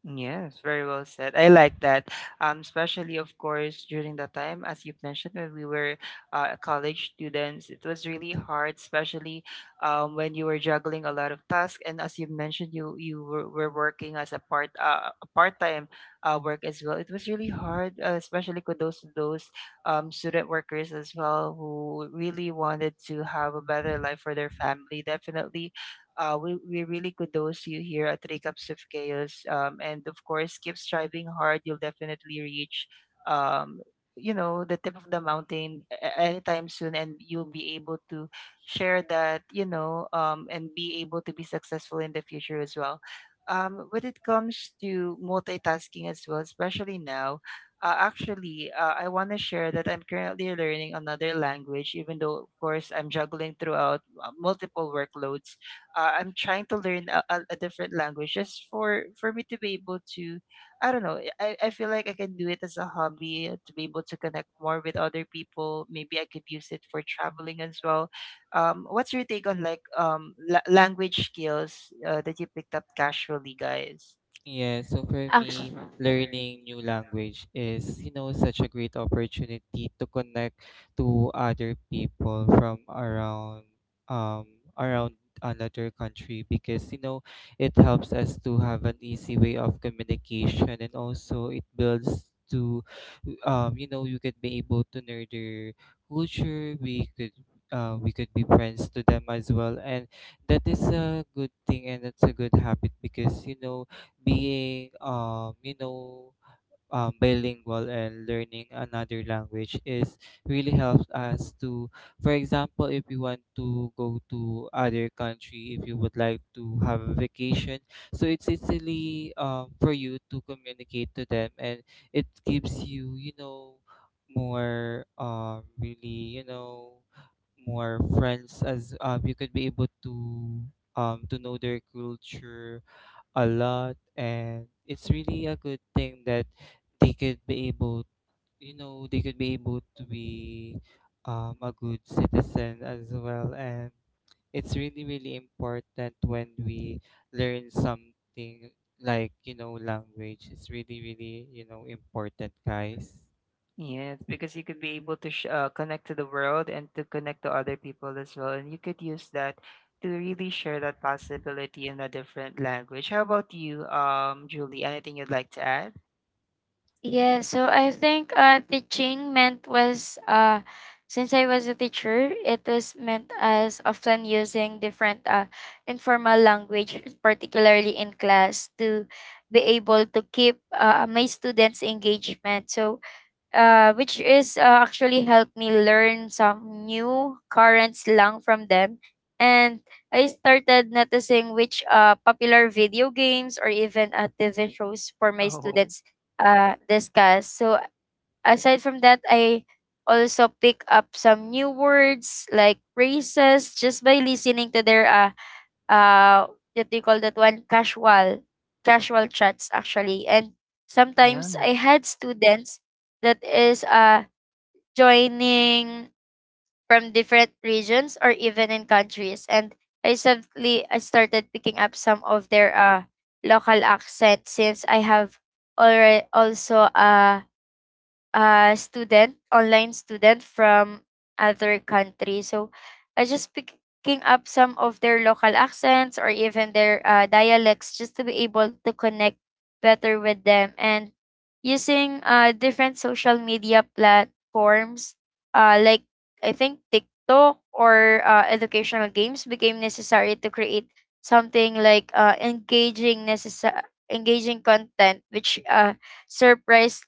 Speaker 1: Yes, very well said. I like that. Especially of course during that time, as you've mentioned, when we were college students, it was really hard, especially when you were juggling a lot of tasks. And as you mentioned, you were working as a part time work as well. It was really hard, especially with those student workers as well who really wanted to have a better life for their family. Definitely, we really kudos you here at Three Cups of Chaos. And of course, keep striving hard. You'll definitely reach, um, you know, the tip of the mountain anytime soon, and you'll be able to share that, you know, and be able to be successful in the future as well. When it comes to multitasking as well, especially now, actually, I want to share that I'm currently learning another language, even though, of course, I'm juggling throughout multiple workloads. I'm trying to learn a different language just for me to be able to, I don't know, I feel like I can do it as a hobby, to be able to connect more with other people. Maybe I could use it for traveling as well. What's your take on like, language skills that you picked up casually, guys?
Speaker 3: Yeah, so for me, learning new language is, you know, such a great opportunity to connect to other people from around, um around another country, because, you know, it helps us to have an easy way of communication. And also it builds to, you know, you could be able to know their culture. We could be friends to them as well, and that is a good thing, and that's a good habit, because, you know, being, you know, bilingual and learning another language is really helps us to, for example, if you want to go to other country, if you would like to have a vacation, so it's easily, for you to communicate to them, and it gives you, you know, more, really, you know, more friends, as, you could be able to, to know their culture a lot. And it's really a good thing that they could be able, they could be able to be, a good citizen as well. And it's really really important when we learn something like, you know, language. It's really really, you know, important, guys.
Speaker 1: Yes, because you could be able to connect to the world and to connect to other people as well. And you could use that to really share that possibility in a different language. How about you, Julie? Anything you'd like to add?
Speaker 2: Yeah, so I think teaching meant was since I was a teacher, it was meant as often using different informal language, particularly in class, to be able to keep my students' engagement. So which is actually helped me learn some new current slang from them. And I started noticing which popular video games or even TV shows for my
Speaker 1: Oh.
Speaker 2: students discuss. So aside from that, I also pick up some new words like phrases just by listening to their uh what do you call that one, casual casual chats actually. And
Speaker 1: Yeah.
Speaker 2: sometimes I had students that is joining from different regions or even in countries, and I started picking up some of their local accent, since I have already also online student from other countries. So I just picking up some of their local accents or even their dialects just to be able to connect better with them. And using different social media platforms, like I think TikTok or educational games became necessary to create something like engaging content, which surprised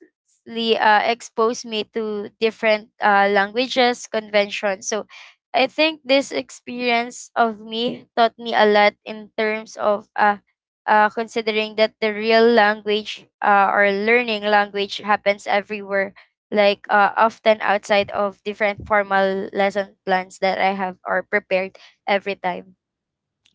Speaker 2: really exposed me to different languages conventions. So I think this experience of me taught me a lot in terms of considering that the real language or learning language happens everywhere, like often outside of different formal lesson plans that I have or prepared every time.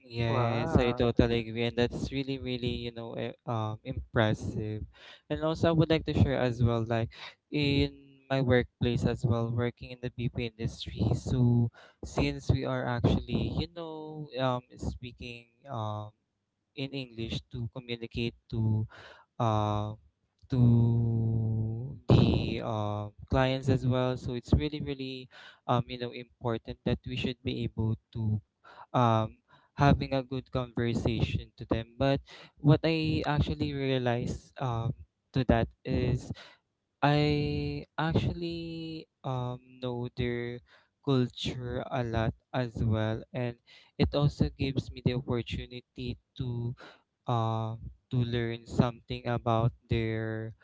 Speaker 3: Yes, I
Speaker 1: Wow.
Speaker 3: totally agree, and that's really, really, you know, impressive. And also, I would like to share as well, like in my workplace as well, working in the BP industry. So, since we are actually, speaking in English to communicate um to the clients as well. So it's really, really, important that we should be able to um, having a good conversation to them. But what I actually realized, to that is I actually know their culture a lot as well, and it also gives me the opportunity um to learn something about their,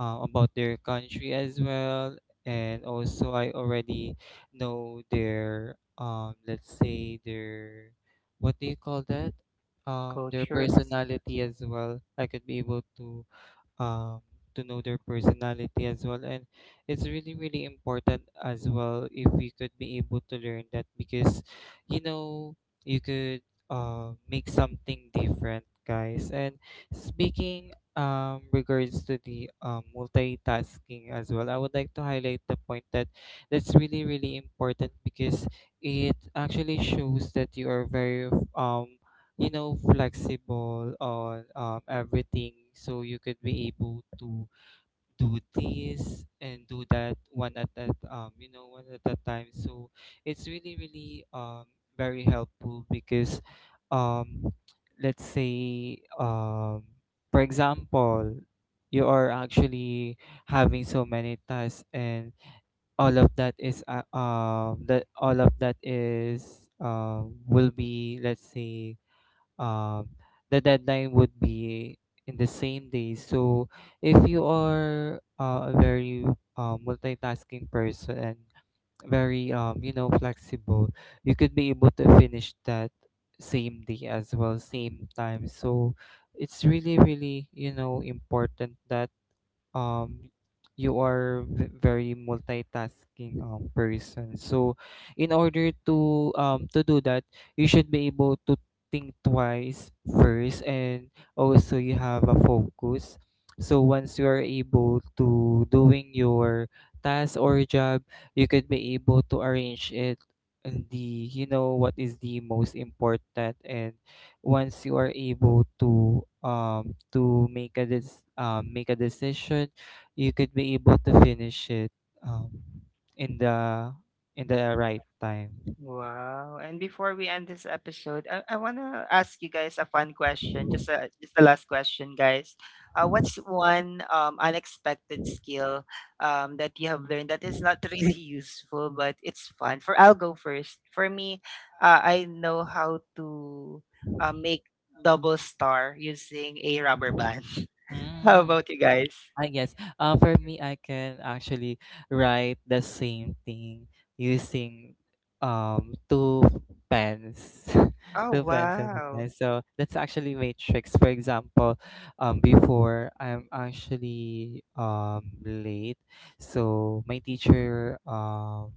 Speaker 3: about their country as well. And also, I already know their, let's say their, what do you call that, their
Speaker 1: Culture.
Speaker 3: personality as well. I could be able um to know their personality as well, and it's really, really important as well if we could be able to learn that, because, you know, you could make something different, guys. And speaking, regards to the multitasking as well, I would like to highlight the point that that's really, really important, because it actually shows that you are very, you know, flexible on, everything. So you could be able to do this and do that, one at that, you know, one at a time. So it's really, really, very helpful, because, um let's say, for example, you are actually having so many tasks, and all of that is that all of that is, will be, let's say, um, the deadline would be in the same day. So if you are, a very, multitasking person and very, you know, flexible, you could be able to finish that same day as well, same time. So it's really, really, you know, important that, um you are very multitasking, person. So in order to do that, you should be able to think twice first, and also you have a focus. So once you are able to doing your task or job, you could be able to arrange it in the, you know, what is the most important. And once you are able to make a make a decision, you could be able to finish it, um in the, in the right time.
Speaker 1: Wow. And before we end this episode, I want to ask you guys a fun question. Just the last question, guys. What's one unexpected skill that you have learned that is not really useful, but it's fun? For I'll go first. For me, I know how to make double star using a rubber band. How about you guys?
Speaker 3: I guess. For me, I can actually write the same thing using, two pens,
Speaker 1: Oh
Speaker 3: two pens at a time.
Speaker 1: wow!
Speaker 3: So that's actually my tricks. For example, before I'm actually late, so my teacher um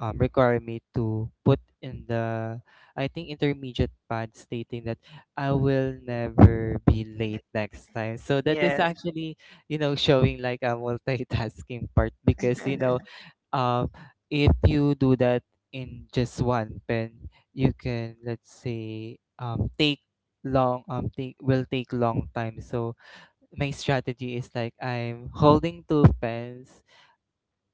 Speaker 3: um, require me to put in the, I think, intermediate pad stating that I will never be late next time. So that is
Speaker 1: Yes.
Speaker 3: actually, you know, showing like a multitasking part, because, you know, um if you do that in just one pen, you can, let's say, take long, take, will take long time. So my strategy is like I'm holding two pens,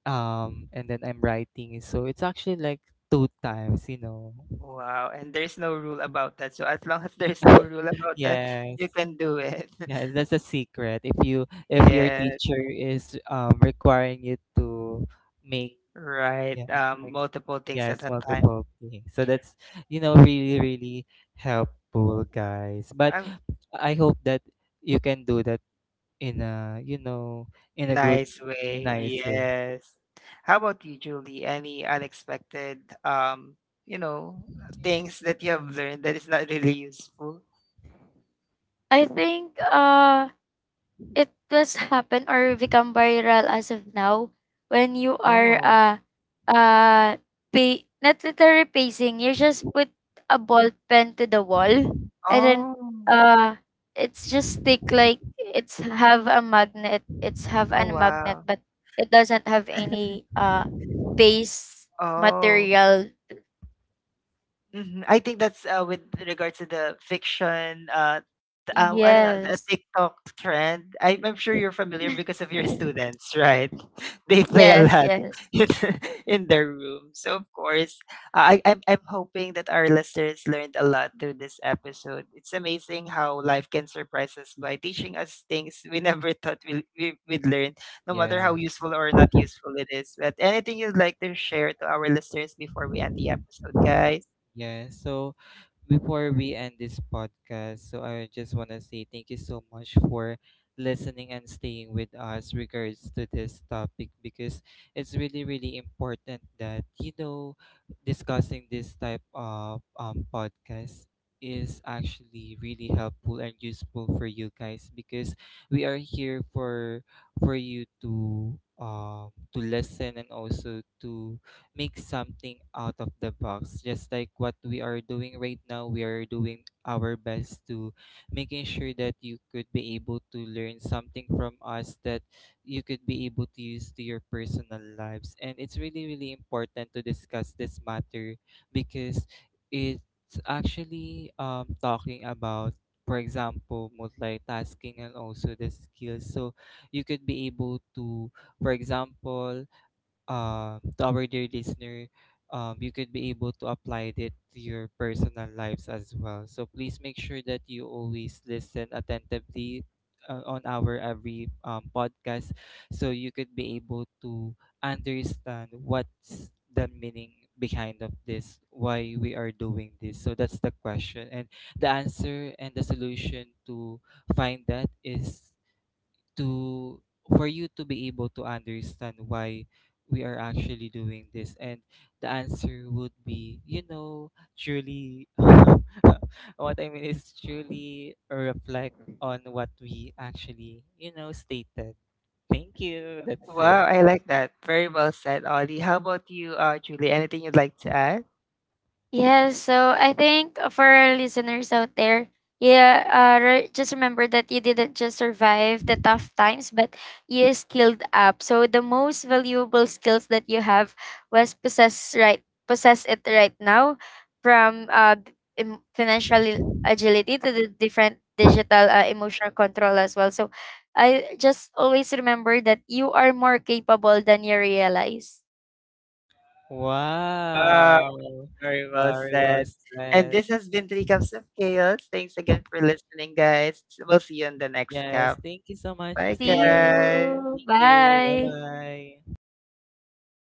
Speaker 3: and then I'm writing, so it's actually like two times, you know.
Speaker 1: Wow, and there's no rule about that. So as long as there's no rule about that, yeah, you
Speaker 3: Yes,
Speaker 1: can do it.
Speaker 3: yes, that's a secret. If you, if your
Speaker 1: Yeah,
Speaker 3: teacher is requiring you to make,
Speaker 1: right.
Speaker 3: yeah, like,
Speaker 1: Multiple things, yeah, at
Speaker 3: yes,
Speaker 1: a time.
Speaker 3: multiple things. So that's, you know, really, really helpful, guys. But
Speaker 1: Right.
Speaker 3: I hope that you can do that in a, you know, in a good,
Speaker 1: Nice way. Nice.
Speaker 3: nice way.
Speaker 1: Yes. How about you, Julie? Any unexpected, you know, things that you have learned that is not really useful?
Speaker 2: I think it was happen or become viral as of now, when you are
Speaker 1: Oh,
Speaker 2: uh pay, not literally pacing, you just put a ball pen to the wall, and then
Speaker 1: oh,
Speaker 2: uh it's just stick, like it's have a magnet it's have a
Speaker 1: oh,
Speaker 2: magnet
Speaker 1: wow.
Speaker 2: but it doesn't have any base
Speaker 1: Oh,
Speaker 2: material.
Speaker 1: mhm. I think that's with regards to the fiction, I don't know, a
Speaker 2: Yes.
Speaker 1: TikTok trend. I'm sure you're familiar because of your students, right? They play a
Speaker 2: Yes,
Speaker 1: lot
Speaker 2: yes.
Speaker 1: in, in their room. So of course, I'm hoping that our listeners learned a lot through this episode. It's amazing how life can surprise us by teaching us things we never thought we'd learn, no matter
Speaker 3: Yeah,
Speaker 1: how useful or not useful it is. But anything you'd like to share to our listeners before we end the episode, guys?
Speaker 3: yeah. So before we end this podcast, so I just want to say thank you so much for listening and staying with us regards to this topic, because it's really, really important that, you know, discussing this type of podcast is actually really helpful and useful for you guys, because we are here for you to listen, and also to make something out of the box. Just like what we are doing right now, we are doing our best to making sure that you could be able to learn something from us that you could be able to use to your personal lives. And it's really, really important to discuss this matter because it's actually, talking about, for example, multitasking and also the skills. So you could be able to, for example, to our dear listener, you could be able to apply it to your personal lives as well. So please make sure that you always listen attentively, on our every, podcast, so you could be able to understand what's the meaning behind of this, why we are doing this. So that's the question, and the answer and the solution to find that is to, for you to be able to understand why we are actually doing this, and the answer would be, you know, truly what I mean is truly reflect on what we actually, you know, stated. Thank you, that's
Speaker 1: Wow,
Speaker 3: it.
Speaker 1: I like that. Very well said, Ollie. How about you, Julie? Anything you'd like to add?
Speaker 2: Yeah, so I think for our listeners out there, yeah, just remember that you didn't just survive the tough times, but you skilled up. So the most valuable skills that you have possess it right now, from financial agility to the different digital emotional control as well. So I just always remember that you are more capable than you realize.
Speaker 1: Ah,
Speaker 3: Wow.
Speaker 1: very well
Speaker 3: Very well
Speaker 1: said. And
Speaker 3: said.
Speaker 1: this has been Three Cups of Chaos. Thanks again for listening, guys. We'll see you on the next
Speaker 3: Yes,
Speaker 1: cup.
Speaker 3: thank you so much,
Speaker 1: Bye,
Speaker 3: see
Speaker 2: See
Speaker 3: you.
Speaker 1: guys.
Speaker 2: you.
Speaker 3: Thank you.
Speaker 2: Bye.
Speaker 3: Bye bye.